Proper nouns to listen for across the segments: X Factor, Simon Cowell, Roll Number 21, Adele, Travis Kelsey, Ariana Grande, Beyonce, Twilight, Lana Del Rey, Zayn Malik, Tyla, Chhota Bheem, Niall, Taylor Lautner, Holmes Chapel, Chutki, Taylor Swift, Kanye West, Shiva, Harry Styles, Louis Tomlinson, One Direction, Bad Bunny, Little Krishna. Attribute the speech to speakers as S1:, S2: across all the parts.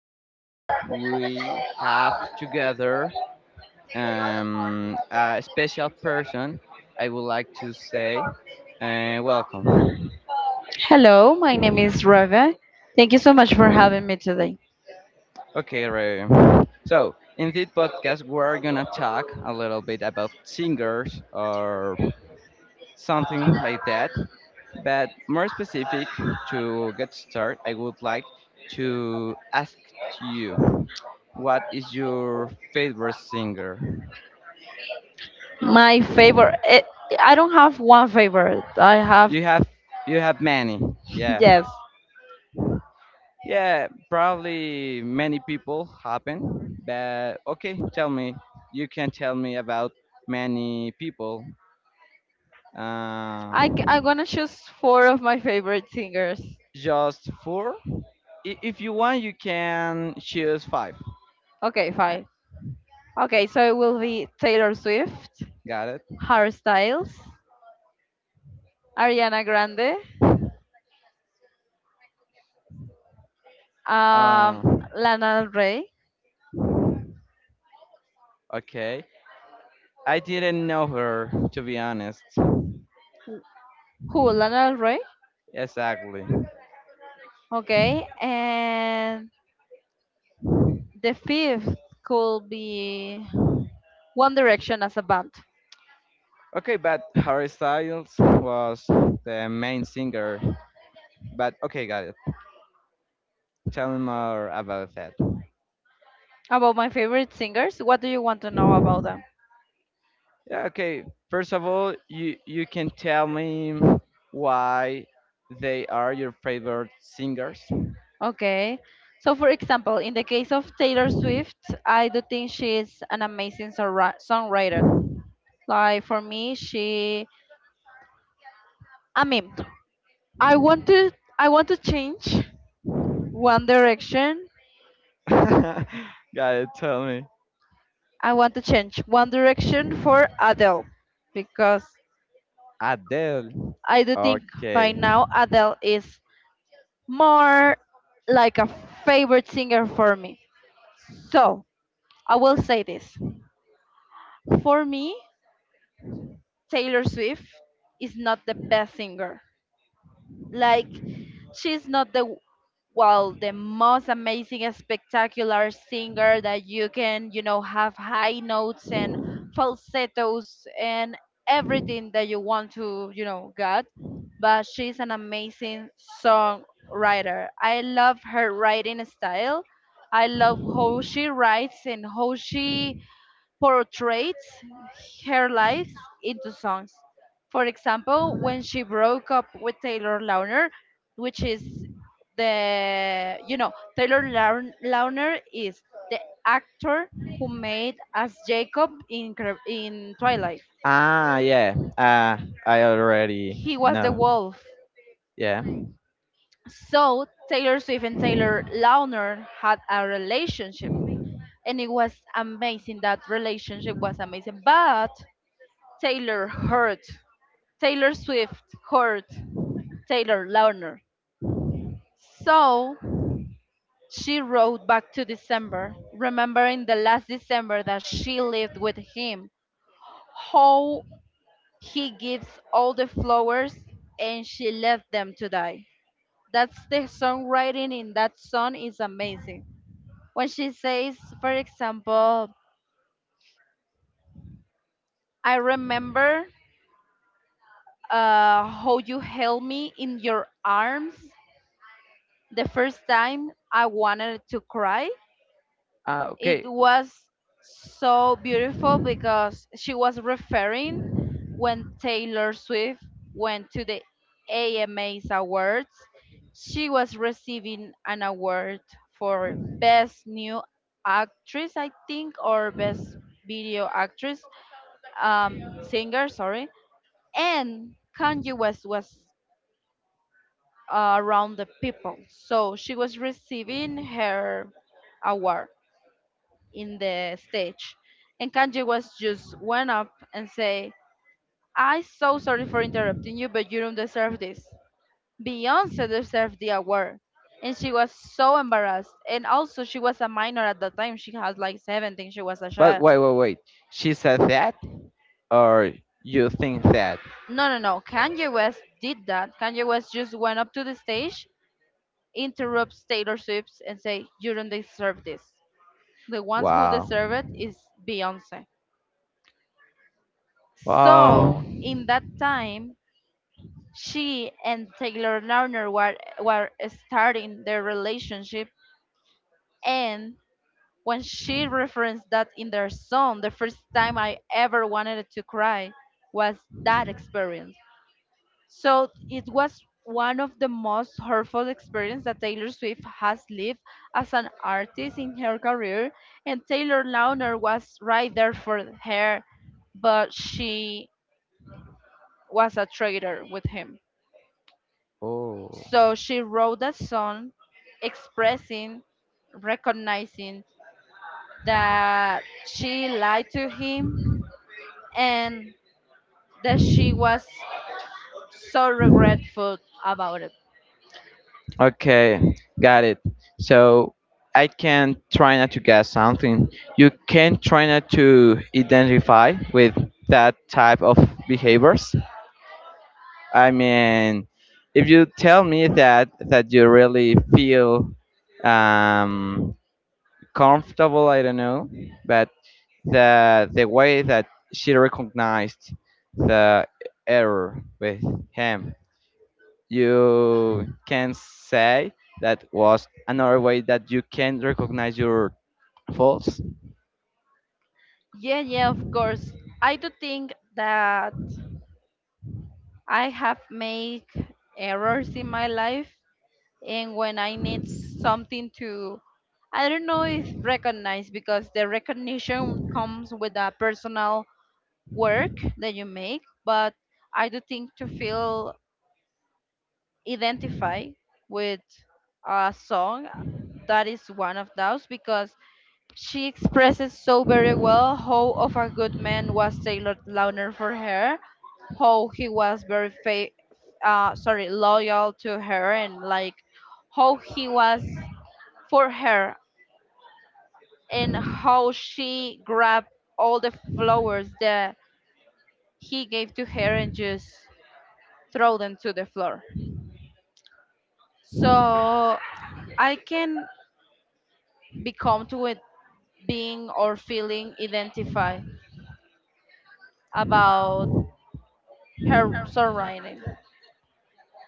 S1: Today we have together a special person. I would like to say welcome.
S2: Hello, my name is Reve. Thank you so much for having me today.
S1: Okay, Ray. So in this podcast, we're gonna talk a little bit about singers or something like that. But more specific, to get started, I would like to ask you, what is your favorite singer?
S2: My favorite, I don't have one favorite. I have,
S1: You have you have many, yeah,
S2: yes.
S1: yeah. Probably many people happen, but okay, tell me. You can tell me about many people. Uh,
S2: I'm gonna choose 4 of my favorite singers.
S1: just four. If you want, you can choose five.
S2: Okay,
S1: Uh,
S2: fine. Okay, so it will be Taylor Swift,
S1: Got it.
S2: Harry Styles, Ariana Grande,
S1: Uh,
S2: um, Lana Del Rey.
S1: okay. I didn't know her, to be honest.
S2: Who? Lana Del Rey?
S1: Exactly.
S2: Okay, and the fifth could be One Direction as a band.
S1: Okay, but Harry Styles was the main singer. But okay, got it. Tell me more about that.
S2: About my favorite singers, what do you want to know about them?
S1: Yeah, okay. First of all, you can tell me why they are your favorite singers.
S2: Okay. So, for example, in the case of Taylor Swift, I do think she is an amazing songwriter. Like for me, she I mean, I want to I want to change One Direction.
S1: Got it. Tell me.
S2: I want to change One Direction for Adele because
S1: Adele.
S2: I do think
S1: Okay.
S2: by now Adele is more like a favorite singer for me. So, I will say this. For me, Taylor Swift is not the best singer. Like, she's not the well, the most amazing, and spectacular singer that you can, you know, have high notes and falsettos and everything that you want to, you know, get. But she's an amazing songwriter. I love her writing style. I love how she writes and how she portrays her life into songs. For example, when she broke up with Taylor Lautner, which is the you know Lautner is the actor who made as Jacob in Twilight.
S1: Ah, yeah. I
S2: He
S1: already
S2: was the
S1: know.
S2: wolf.
S1: Yeah.
S2: So Taylor Swift and Taylor Lautner had a relationship, and it was amazing. That relationship was amazing, but Taylor hurt Taylor Swift heard Taylor Lautner. So she wrote back to December, remembering the last December that she lived with him, how he gives all the flowers and she left them to die. That's the songwriting in that song is amazing. When she says, for example, I remember how you held me in your arms the first time I wanted to cry.
S1: Ah,
S2: It
S1: okay.
S2: was so beautiful because she was referring when Taylor Swift went to the AMA's awards. She was receiving an award for best new actress, I think, or best video actress, singer, sorry. And Kanye West was around the people, so she was receiving her award in the stage. And Kanji was just went up and say, I so sorry for interrupting you, but you don't deserve this. Beyonce deserved the award. And she was so embarrassed. And also she was a minor at the time. She had like 17, she was a
S1: But
S2: child.
S1: wait, wait, wait. She said that, or you think that?
S2: No no no. Kanye West did that. Kanye West just went up to the stage, interrupts Taylor Swift and say, you don't deserve this. The ones who
S1: Wow.
S2: deserve it is Beyonce.
S1: Wow.
S2: So in that time she and Taylor Lautner were starting their relationship, and when she referenced that in their song, the first time I ever wanted to cry was that experience. So it was one of the most hurtful experiences that Taylor Swift has lived as an artist in her career, and Taylor Lautner was right there for her, but she was a traitor with him.
S1: Oh.
S2: So she wrote a song expressing, recognizing that she lied to him and that she was so regretful about it.
S1: Okay, got it. So I can try not to guess something. You can try not to identify with that type of behaviors. I mean, if you tell me that you really feel um, comfortable, I don't know, but the way that she recognized the error with him, you can say that was another way that you can recognize your faults.
S2: Yeah, yeah, of course. I do think that I have made errors in my life, and when I need something to, I don't know if recognize because the recognition comes with a personal work that you make, but I do think to feel identified with a song that is one of those because she expresses so very well how of a good man was Taylor Lautner for her, how he was very fa- sorry loyal to her and like how he was for her and how she grabbed all the flowers that he gave to her and just throw them to the floor. So I can become to it being or feeling identified about her surrounding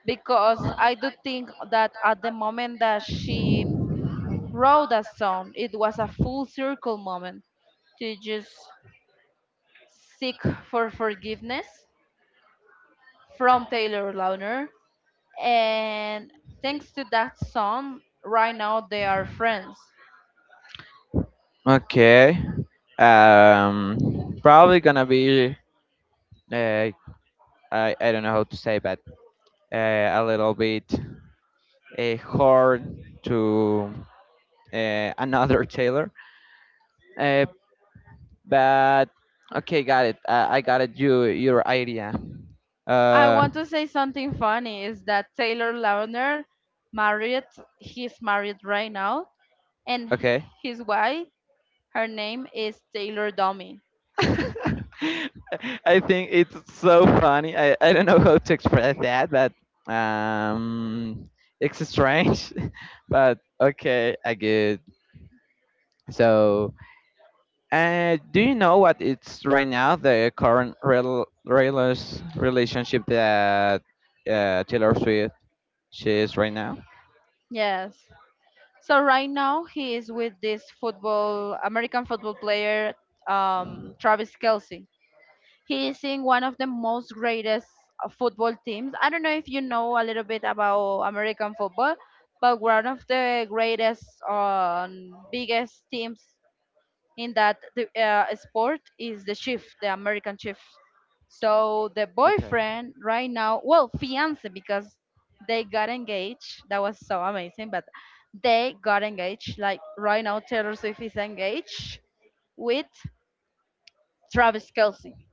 S2: because I do think that at the moment that she wrote that song, it was a full circle moment to just seek for forgiveness from Taylor Lautner. And thanks to that song, right now they are friends.
S1: Okay. Um, Probably gonna be uh, I I don't know how to say, but a little bit hard to, another Taylor. Uh, but okay, got it. I got it. Your idea.
S2: I
S1: Uh,
S2: want to say something funny is that Taylor Lautner married, he's married right now, and
S1: okay.
S2: his wife, her name is Taylor Domi.
S1: I think it's so funny. I don't know how to express that, but um, it's strange. But okay, I get. So, do you know what it's right now, the current relationship that, Taylor Swift, she is right now?
S2: Yes. So right now he is with this football, American football player, Travis Kelsey. He is in one of the most greatest football teams. I don't know if you know a little bit about American football, but one of the greatest, biggest teams in that the sport is the chief, the American chief. So the
S1: Okay.
S2: boyfriend right now, well, fiance because they got engaged. That was so amazing, but they got engaged. Like right now, Taylor Swift is engaged with Travis Kelsey,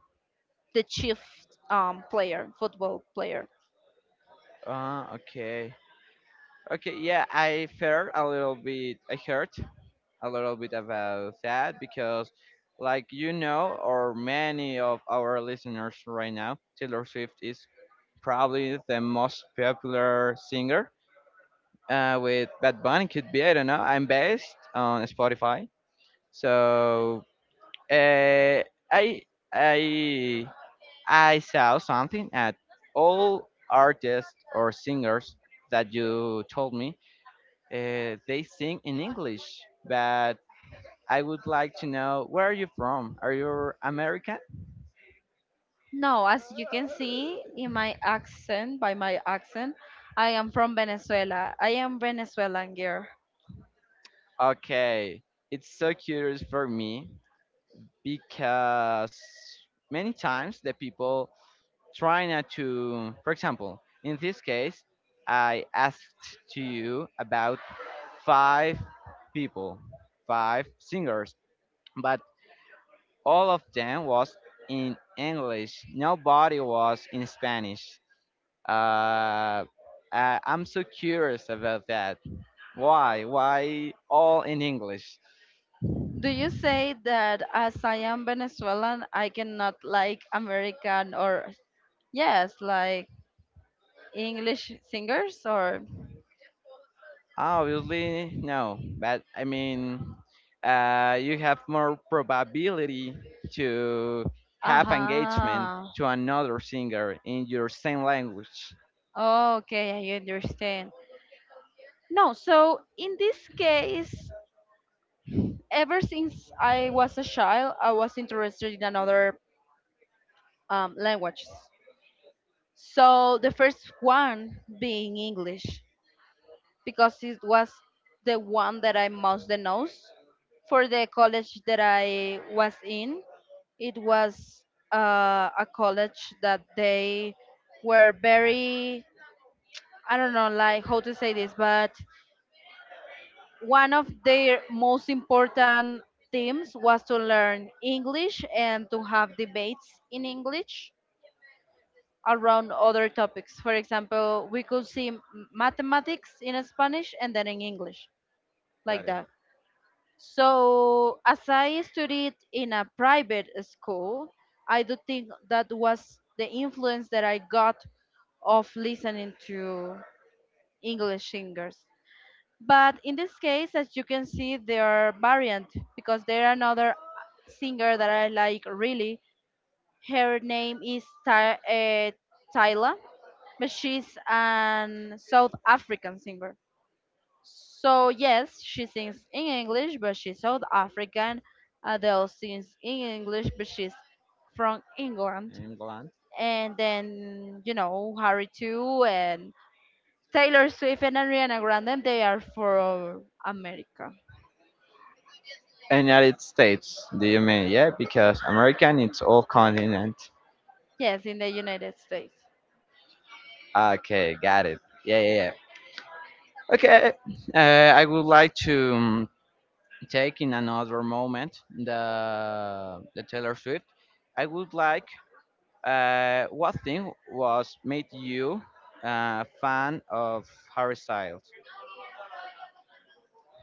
S2: the chief player, football player.
S1: Okay. Okay, yeah, I felt a little bit, I heard a little bit about that because, like you know, or many of our listeners right now, Taylor Swift is probably the most popular singer, with Bad Bunny could be. I don't know. I'm based on Spotify, so uh, I I I saw something at all artists or singers that you told me, they sing in English, but I would like to know, where are you from? Are you American?
S2: No, as you can see in my accent, by my accent, I am from Venezuela. I am Venezuelan girl.
S1: Okay, it's so curious for me because many times the people try not to, for example, in this case I asked to you about five people, five singers, but all of them was in English, nobody was in Spanish. Uh, I, i'm so curious about that, why all in English.
S2: Do you say that as I am Venezuelan, I cannot like American or yes, like English singers or
S1: Obviously no, but I mean, you have more probability to have engagement
S2: aha.
S1: to another singer in your same language.
S2: Oh, okay, I understand. No, so in this case, ever since I was a child, I was interested in another languages. So the first one being English, because it was the one that I most for the college that I was in. It was a college that they were very, I don't know, like how to say this, but one of their most important themes was to learn English and to have debates in English around other topics. For example, we could see mathematics in Spanish and then in English,
S1: Got
S2: like
S1: it.
S2: that. So, as I studied in a private school, I do think that was the influence that I got of listening to English singers. But in this case, as you can see, they are variant because there are another singer that I like really. Her name is Tyla, but she's an South African singer. So yes, she sings in English, but she's South African. Adele sings in English, but she's from England.
S1: England,
S2: And then you know Harry too, and Taylor Swift and Ariana Grande. They are from America.
S1: and United States. Do you mean, yeah? Because American, it's all continent.
S2: Yes, in the United States.
S1: Okay, got it. Yeah, yeah, yeah. Okay, I would like to, take in another moment the Taylor Swift. I would like. What thing was made you a fan of Harry Styles?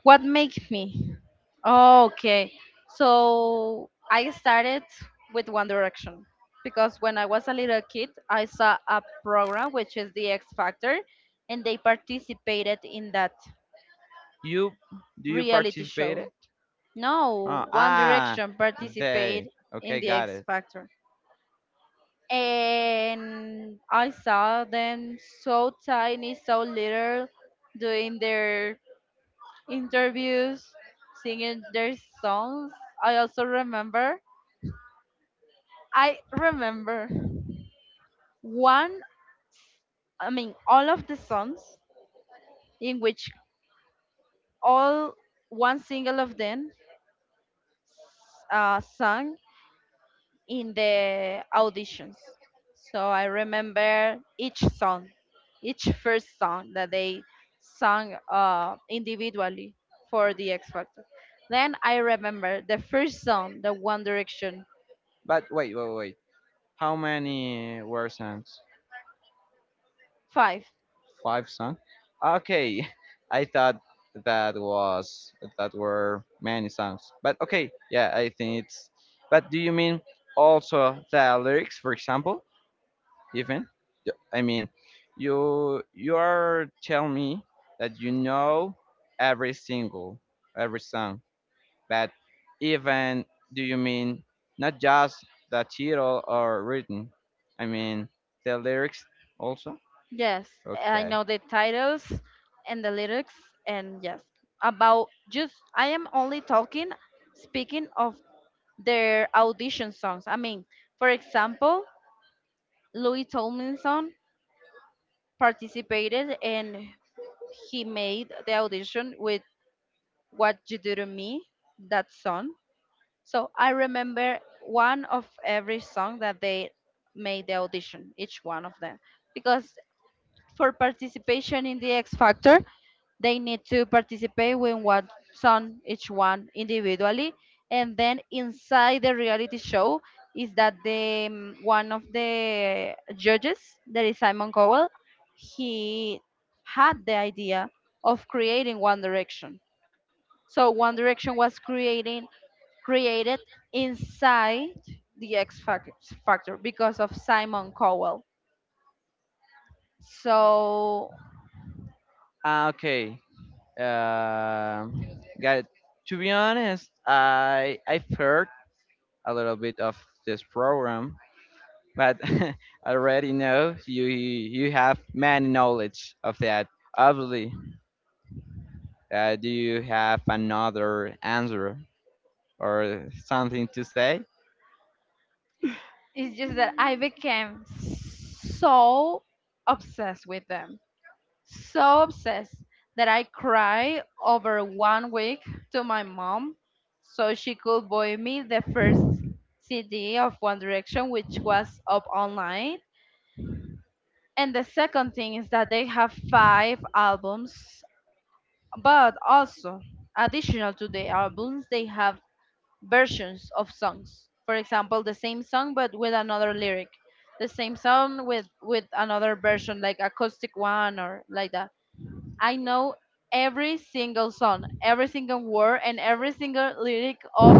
S2: What makes me? Oh, okay. So I started with One Direction because when I was a little kid, I saw a program which is the X Factor, and they participated in that
S1: You do you
S2: reality
S1: participate it?
S2: show.
S1: Oh,
S2: No, One
S1: ah,
S2: Direction participated
S1: they.
S2: in
S1: Okay,
S2: the
S1: got
S2: X
S1: it.
S2: Factor. And I saw them so tiny, so little, doing their interviews, singing their songs. I also I remember one, I mean, all of the songs in which all one single of them sung in the auditions. So I remember each song, each first song that they sung individually for the X Factor. Then I remember the first song, the One Direction
S1: But wait, wait, wait. How many were songs?
S2: 5.
S1: Five songs. Okay, I thought that was that were many songs. But okay, yeah, I think it's. But do you mean also the lyrics, for example? Even, I mean, you are telling me that you know every single, every song, but even, do you mean not just the title or written, I mean the lyrics also?
S2: Yes, I
S1: Okay.
S2: know the titles and the lyrics, and yes, about just I am only talking, speaking of their audition songs. I mean, for example, Louis Tomlinson participated and he made the audition with What You Do to Me, that song. So I remember one of every song that they made the audition, each one of them, because for participation in the X Factor, they need to participate when one song each one individually, and then inside the reality show is that the one of the judges, that is Simon Cowell, he had the idea of creating One Direction. So One Direction was creating created inside the Factor because of Simon Cowell. So
S1: Ah, okay. Um, got it. To be honest, I've heard a little bit of this program, but I already know you have many knowledge of that. Obviously, do you have another answer or something to say?
S2: it's just that I became so obsessed with them, so obsessed that I cried over 1 week to my mom so she could buy me the first CD of One Direction, which was up online. And the second thing is that they have 5 albums, but also additional to the albums, they have versions of songs. For example, the same song but with another lyric, the same song with another version, like acoustic one or like that. I know every single song, every single word, and every single lyric of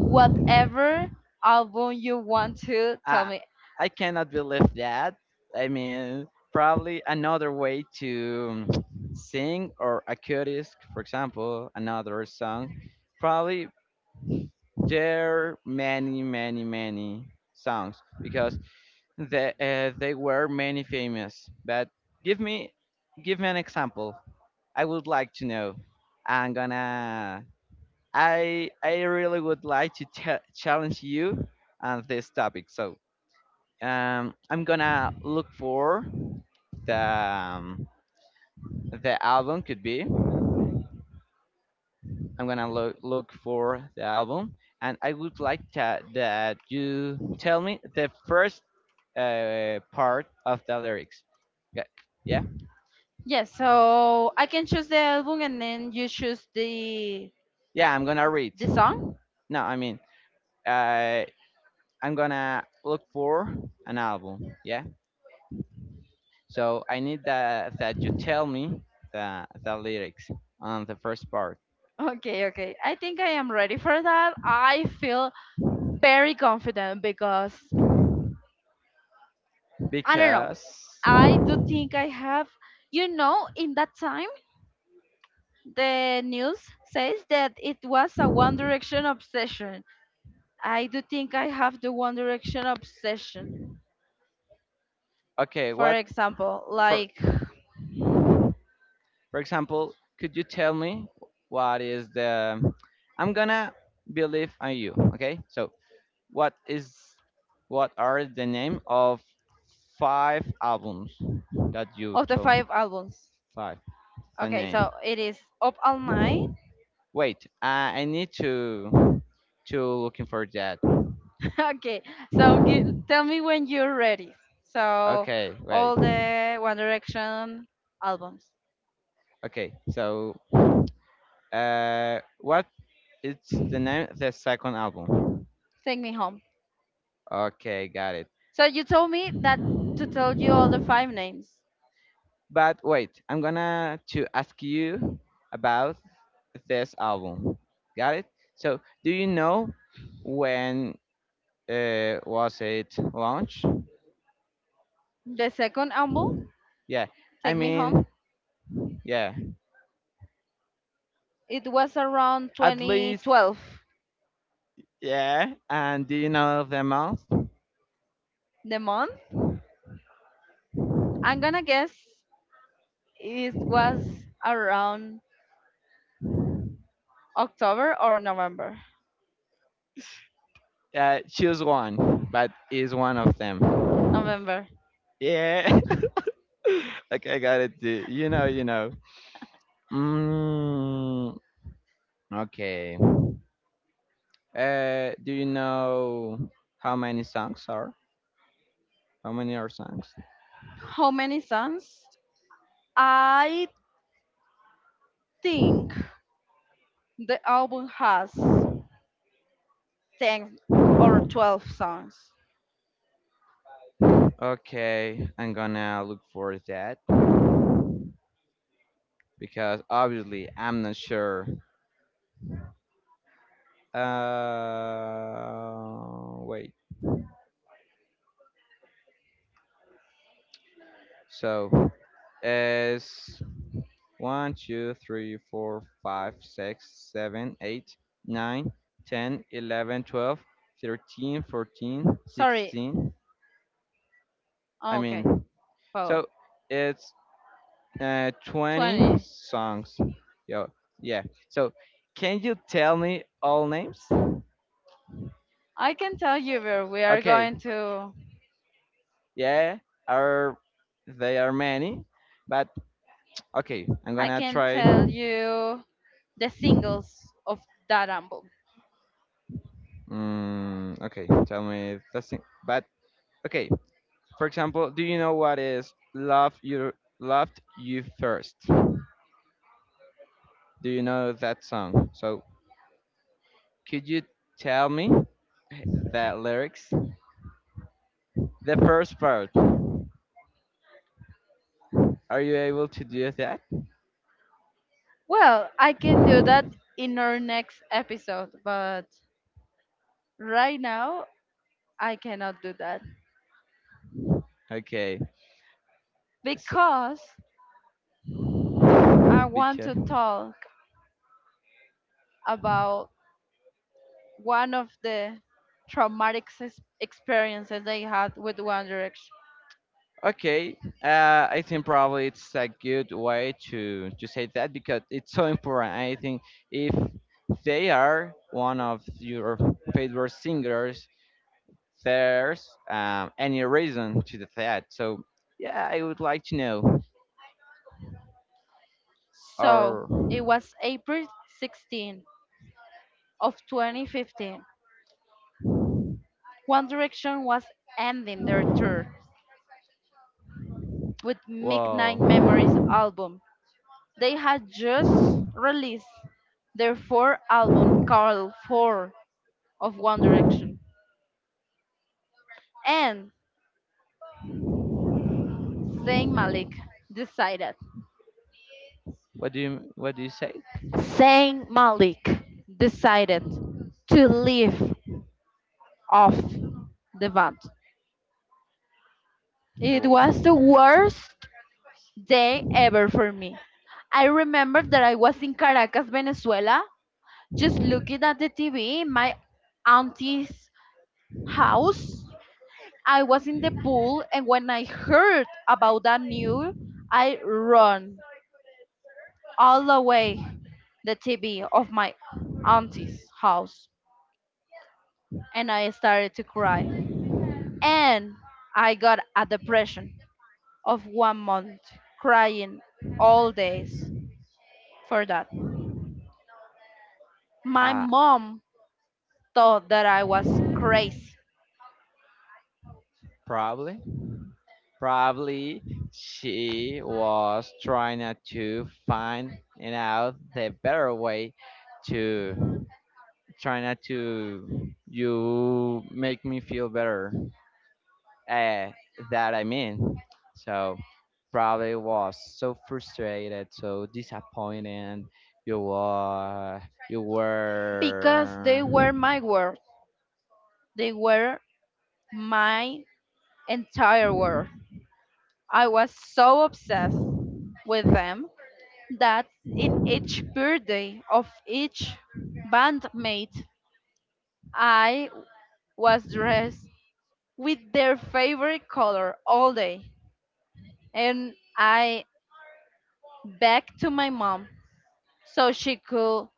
S2: whatever album you want to tell
S1: I
S2: me.
S1: I cannot believe that. I mean, probably another way to, sing, or a curious, for example, another song. Probably there are many, many, many songs because, there were many famous, but give me give me an example. I would like to know. I'm gonna. I really would like to challenge you on this topic. So, I'm gonna look for the, the album could be. I'm gonna look for the album, and I would like to, that you tell me the first part of the lyrics. Yeah. Yeah.
S2: Yes, so I can choose the album and then you choose the
S1: Yeah, I'm gonna read.
S2: song.
S1: No, I mean, uh, I'm gonna look for an album. Yeah. So I need that you tell me the lyrics on the first part
S2: Okay, okay. I think I am ready for that. I feel very confident because I don't know.
S1: because,
S2: I do think I have, you know, in that time, the news says that it was a One Direction obsession. I do think I have the One Direction obsession,
S1: okay,
S2: for
S1: what,
S2: example,
S1: for
S2: like
S1: for example, could you tell me, what is the. I'm gonna believe on you. Okay. So, what is what are the name of five albums that you
S2: of the
S1: told me?
S2: 5 albums.
S1: Five. The
S2: Okay,
S1: name.
S2: so it is Up All Night.
S1: Wait, I need to looking for that.
S2: Okay, so tell me when you're ready. So,
S1: Okay, wait.
S2: all the One Direction albums.
S1: Okay, so what is the name of the second album?
S2: Take Me Home.
S1: Okay, got it.
S2: So, you told me that to tell you all the 5 names.
S1: But wait, I'm gonna to ask you about this album. Got it? So, do you know when was it launched?
S2: The second album,
S1: Yeah, I
S2: Take Me Home,
S1: mean, yeah.
S2: it was around
S1: At least,
S2: 2012.
S1: yeah, and do you know them all?
S2: The month, I'm gonna guess it was around October or November.
S1: Choose one, but is one of them.
S2: November.
S1: Yeah. Okay, I got it, dude. You know, you know. Mm, okay. Do you know how many songs are? How many are songs?
S2: How many songs? I think the album has 10 or 12 songs.
S1: Okay, I'm gonna look for that because obviously I'm not sure. Wait. So, is one, two, three, four, five, six, seven, eight, nine, ten, 11, 12, 13, 14,
S2: Sorry.
S1: 16. I
S2: Oh, okay.
S1: mean,
S2: Well,
S1: so it's 20
S2: 20.
S1: songs. Yo, yeah. So can you tell me all names?
S2: I can tell you where we are
S1: Okay,
S2: going to.
S1: yeah, are they are many, but okay, I'm
S2: I
S1: gonna
S2: can
S1: try.
S2: tell you the singles of that album?
S1: Okay, tell me the thing. But okay, for example, do you know what is "Love You Loved You First"? Do you know that song? So could you tell me the lyrics? The first part. Are you able to do that?
S2: Well, I can do that in our next episode, but right now I cannot do that
S1: Okay. So,
S2: because I want
S1: because,
S2: to talk about one of the traumatic experiences they had with One Direction.
S1: okay, I think probably it's a good way to say that because it's so important. I think if they are one of your favorite singers, there's, any reason to that. So yeah, I would like to know.
S2: So
S1: Or
S2: it was April 16 of 2015. One Direction was ending their tour with Midnight
S1: whoa,
S2: Memories album. They had just released their fourth album called Four of One Direction. And Zayn Malik decided
S1: what do you say?
S2: Zayn Malik decided to leave off the band. It was the worst day
S1: Wh-
S2: ever for me. I remember that I was in Caracas, Venezuela, just looking at the TV in my auntie's house. I was in the pool, and when I heard about that news, I run all the way the TV of my auntie's house, and I started to cry. And I got a depression of 1 month, crying all days for that. My
S1: Uh,
S2: mom thought that I was crazy
S1: probably, probably she was trying, to find it out the better way to try not to you make me feel better. Uh, that I mean. So probably was so frustrated, so disappointed. You were, you
S2: because they
S1: were.
S2: were my world. They were my entire world. I was so obsessed with them that in each birthday of each bandmate, I was dressed with their favorite color all day. And I begged to my mom so she could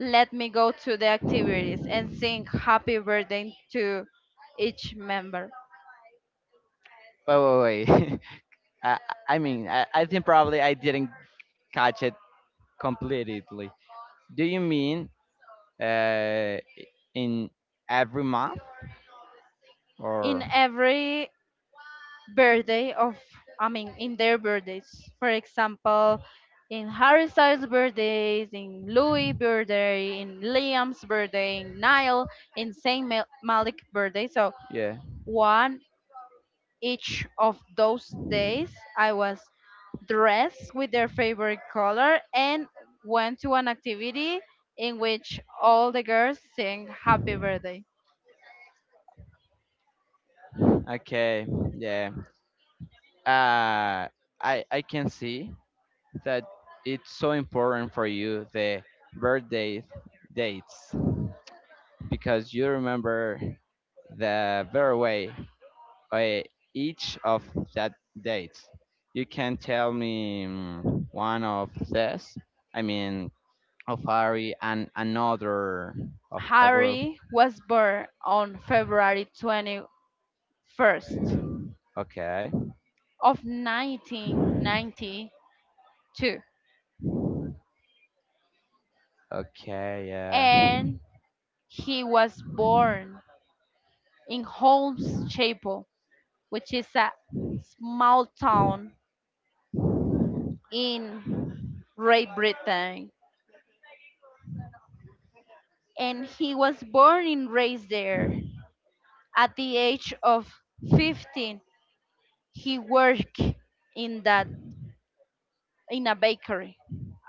S2: let me go to the activities and sing happy birthday to each member.
S1: Wait, wait, wait. I, I mean, I think probably I didn't catch it completely. Do you mean, uh, in every month,
S2: In
S1: or?
S2: every birthday of I mean in their birthdays. For example, in Harry Styles' birthdays, in Louis' birthday, in Liam's birthday, in Niall, in Malik birthday. So
S1: Yeah.
S2: one each of those days, I was dressed with their favorite color and went to an activity in which all the girls sing happy birthday.
S1: Okay, yeah. Uh, I can see that it's so important for you the birthday dates because you remember the very way uh, each of that dates. You can tell me, one of this. I mean, of Harry and another of the group.
S2: Harry was born on February 21st
S1: Okay.
S2: of 1992,
S1: Okay, yeah.
S2: and he was born in Holmes Chapel, which is a small town in Great Britain. And he was born and raised there. At the age of 15, he worked in that in a bakery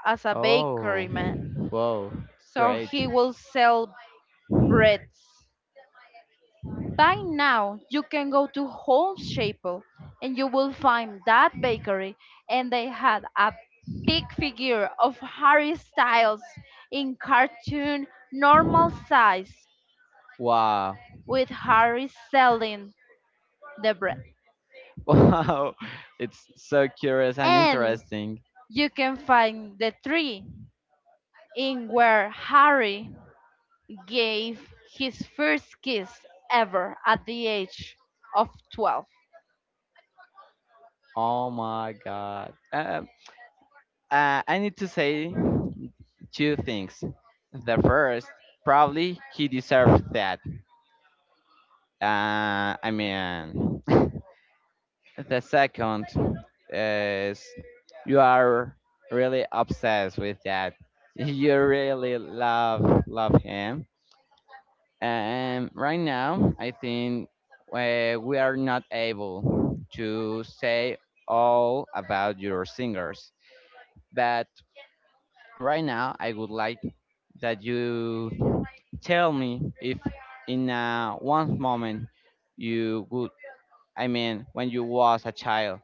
S2: as a
S1: Oh.
S2: bakery man.
S1: Whoa.
S2: So
S1: Great.
S2: he will sell breads. By now, you can go to Holmes Chapel and you will find that bakery, and they had a big figure of Harry Styles in cartoon normal size
S1: Wow.
S2: with Harry selling the bread.
S1: Wow. It's so curious and
S2: And
S1: interesting.
S2: you can find the tree in where Harry gave his first kiss ever at the age of 12.
S1: Oh my god. I need to say two things. The first, probably he deserved that. I mean, the second is, you are really obsessed with that. You really love him. And right now, I think we are not able to say all about your singers. But right now, I would like that you tell me if, in one moment, you would, I mean, when you was a child,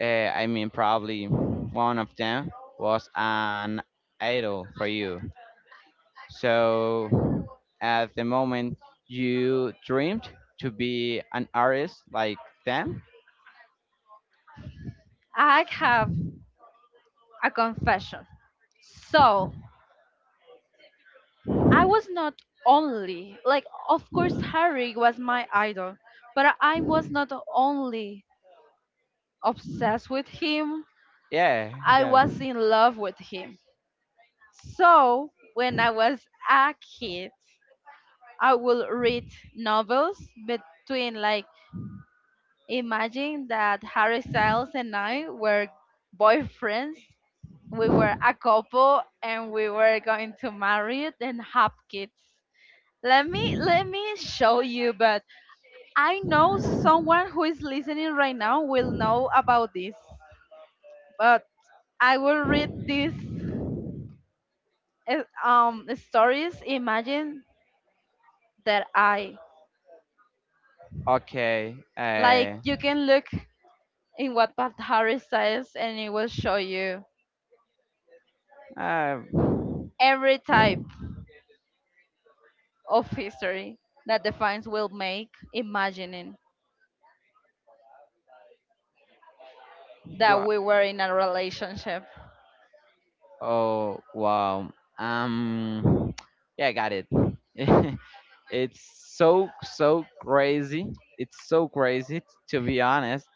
S1: I mean, probably one of them was an idol for you. So at the moment, you dreamed to be an artist like them.
S2: I have a confession. So, I was not only like of course Harry was my idol, but I was not only obsessed with him.
S1: Yeah,
S2: I
S1: got it.
S2: was in love with him. So when I was a kid, I will read novels between like imagine that Harry Styles and I were boyfriends. We were a couple and we were going to marry it and have kids. Let me show you, but I know someone who is listening right now will know about this, but I will read these stories. Imagine that I
S1: Okay.
S2: like you can look in what Pat Harris says, and it will show you
S1: Uh,
S2: every type of history that the fans will make, imagining that
S1: wha-
S2: we were in a relationship.
S1: Oh wow. Yeah, I got it. It's so crazy. It's so crazy to be honest.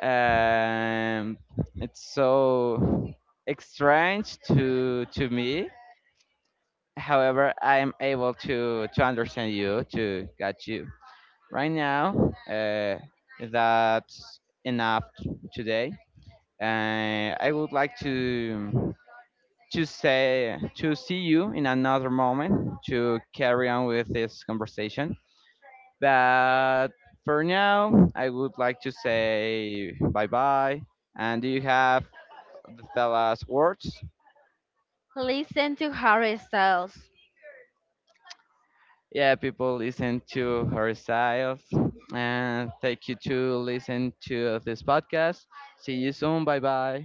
S1: Um, it's so strange to me. However, I am able to understand you, to get you right now. That's enough today. I would like to see you in another moment, to carry on with this conversation. But for now, I would like to say bye bye. And do you have the fella's words?
S2: Listen to Harry Styles.
S1: Yeah, people listen to her styles. And thank you to listen to this podcast. See you soon. Bye bye.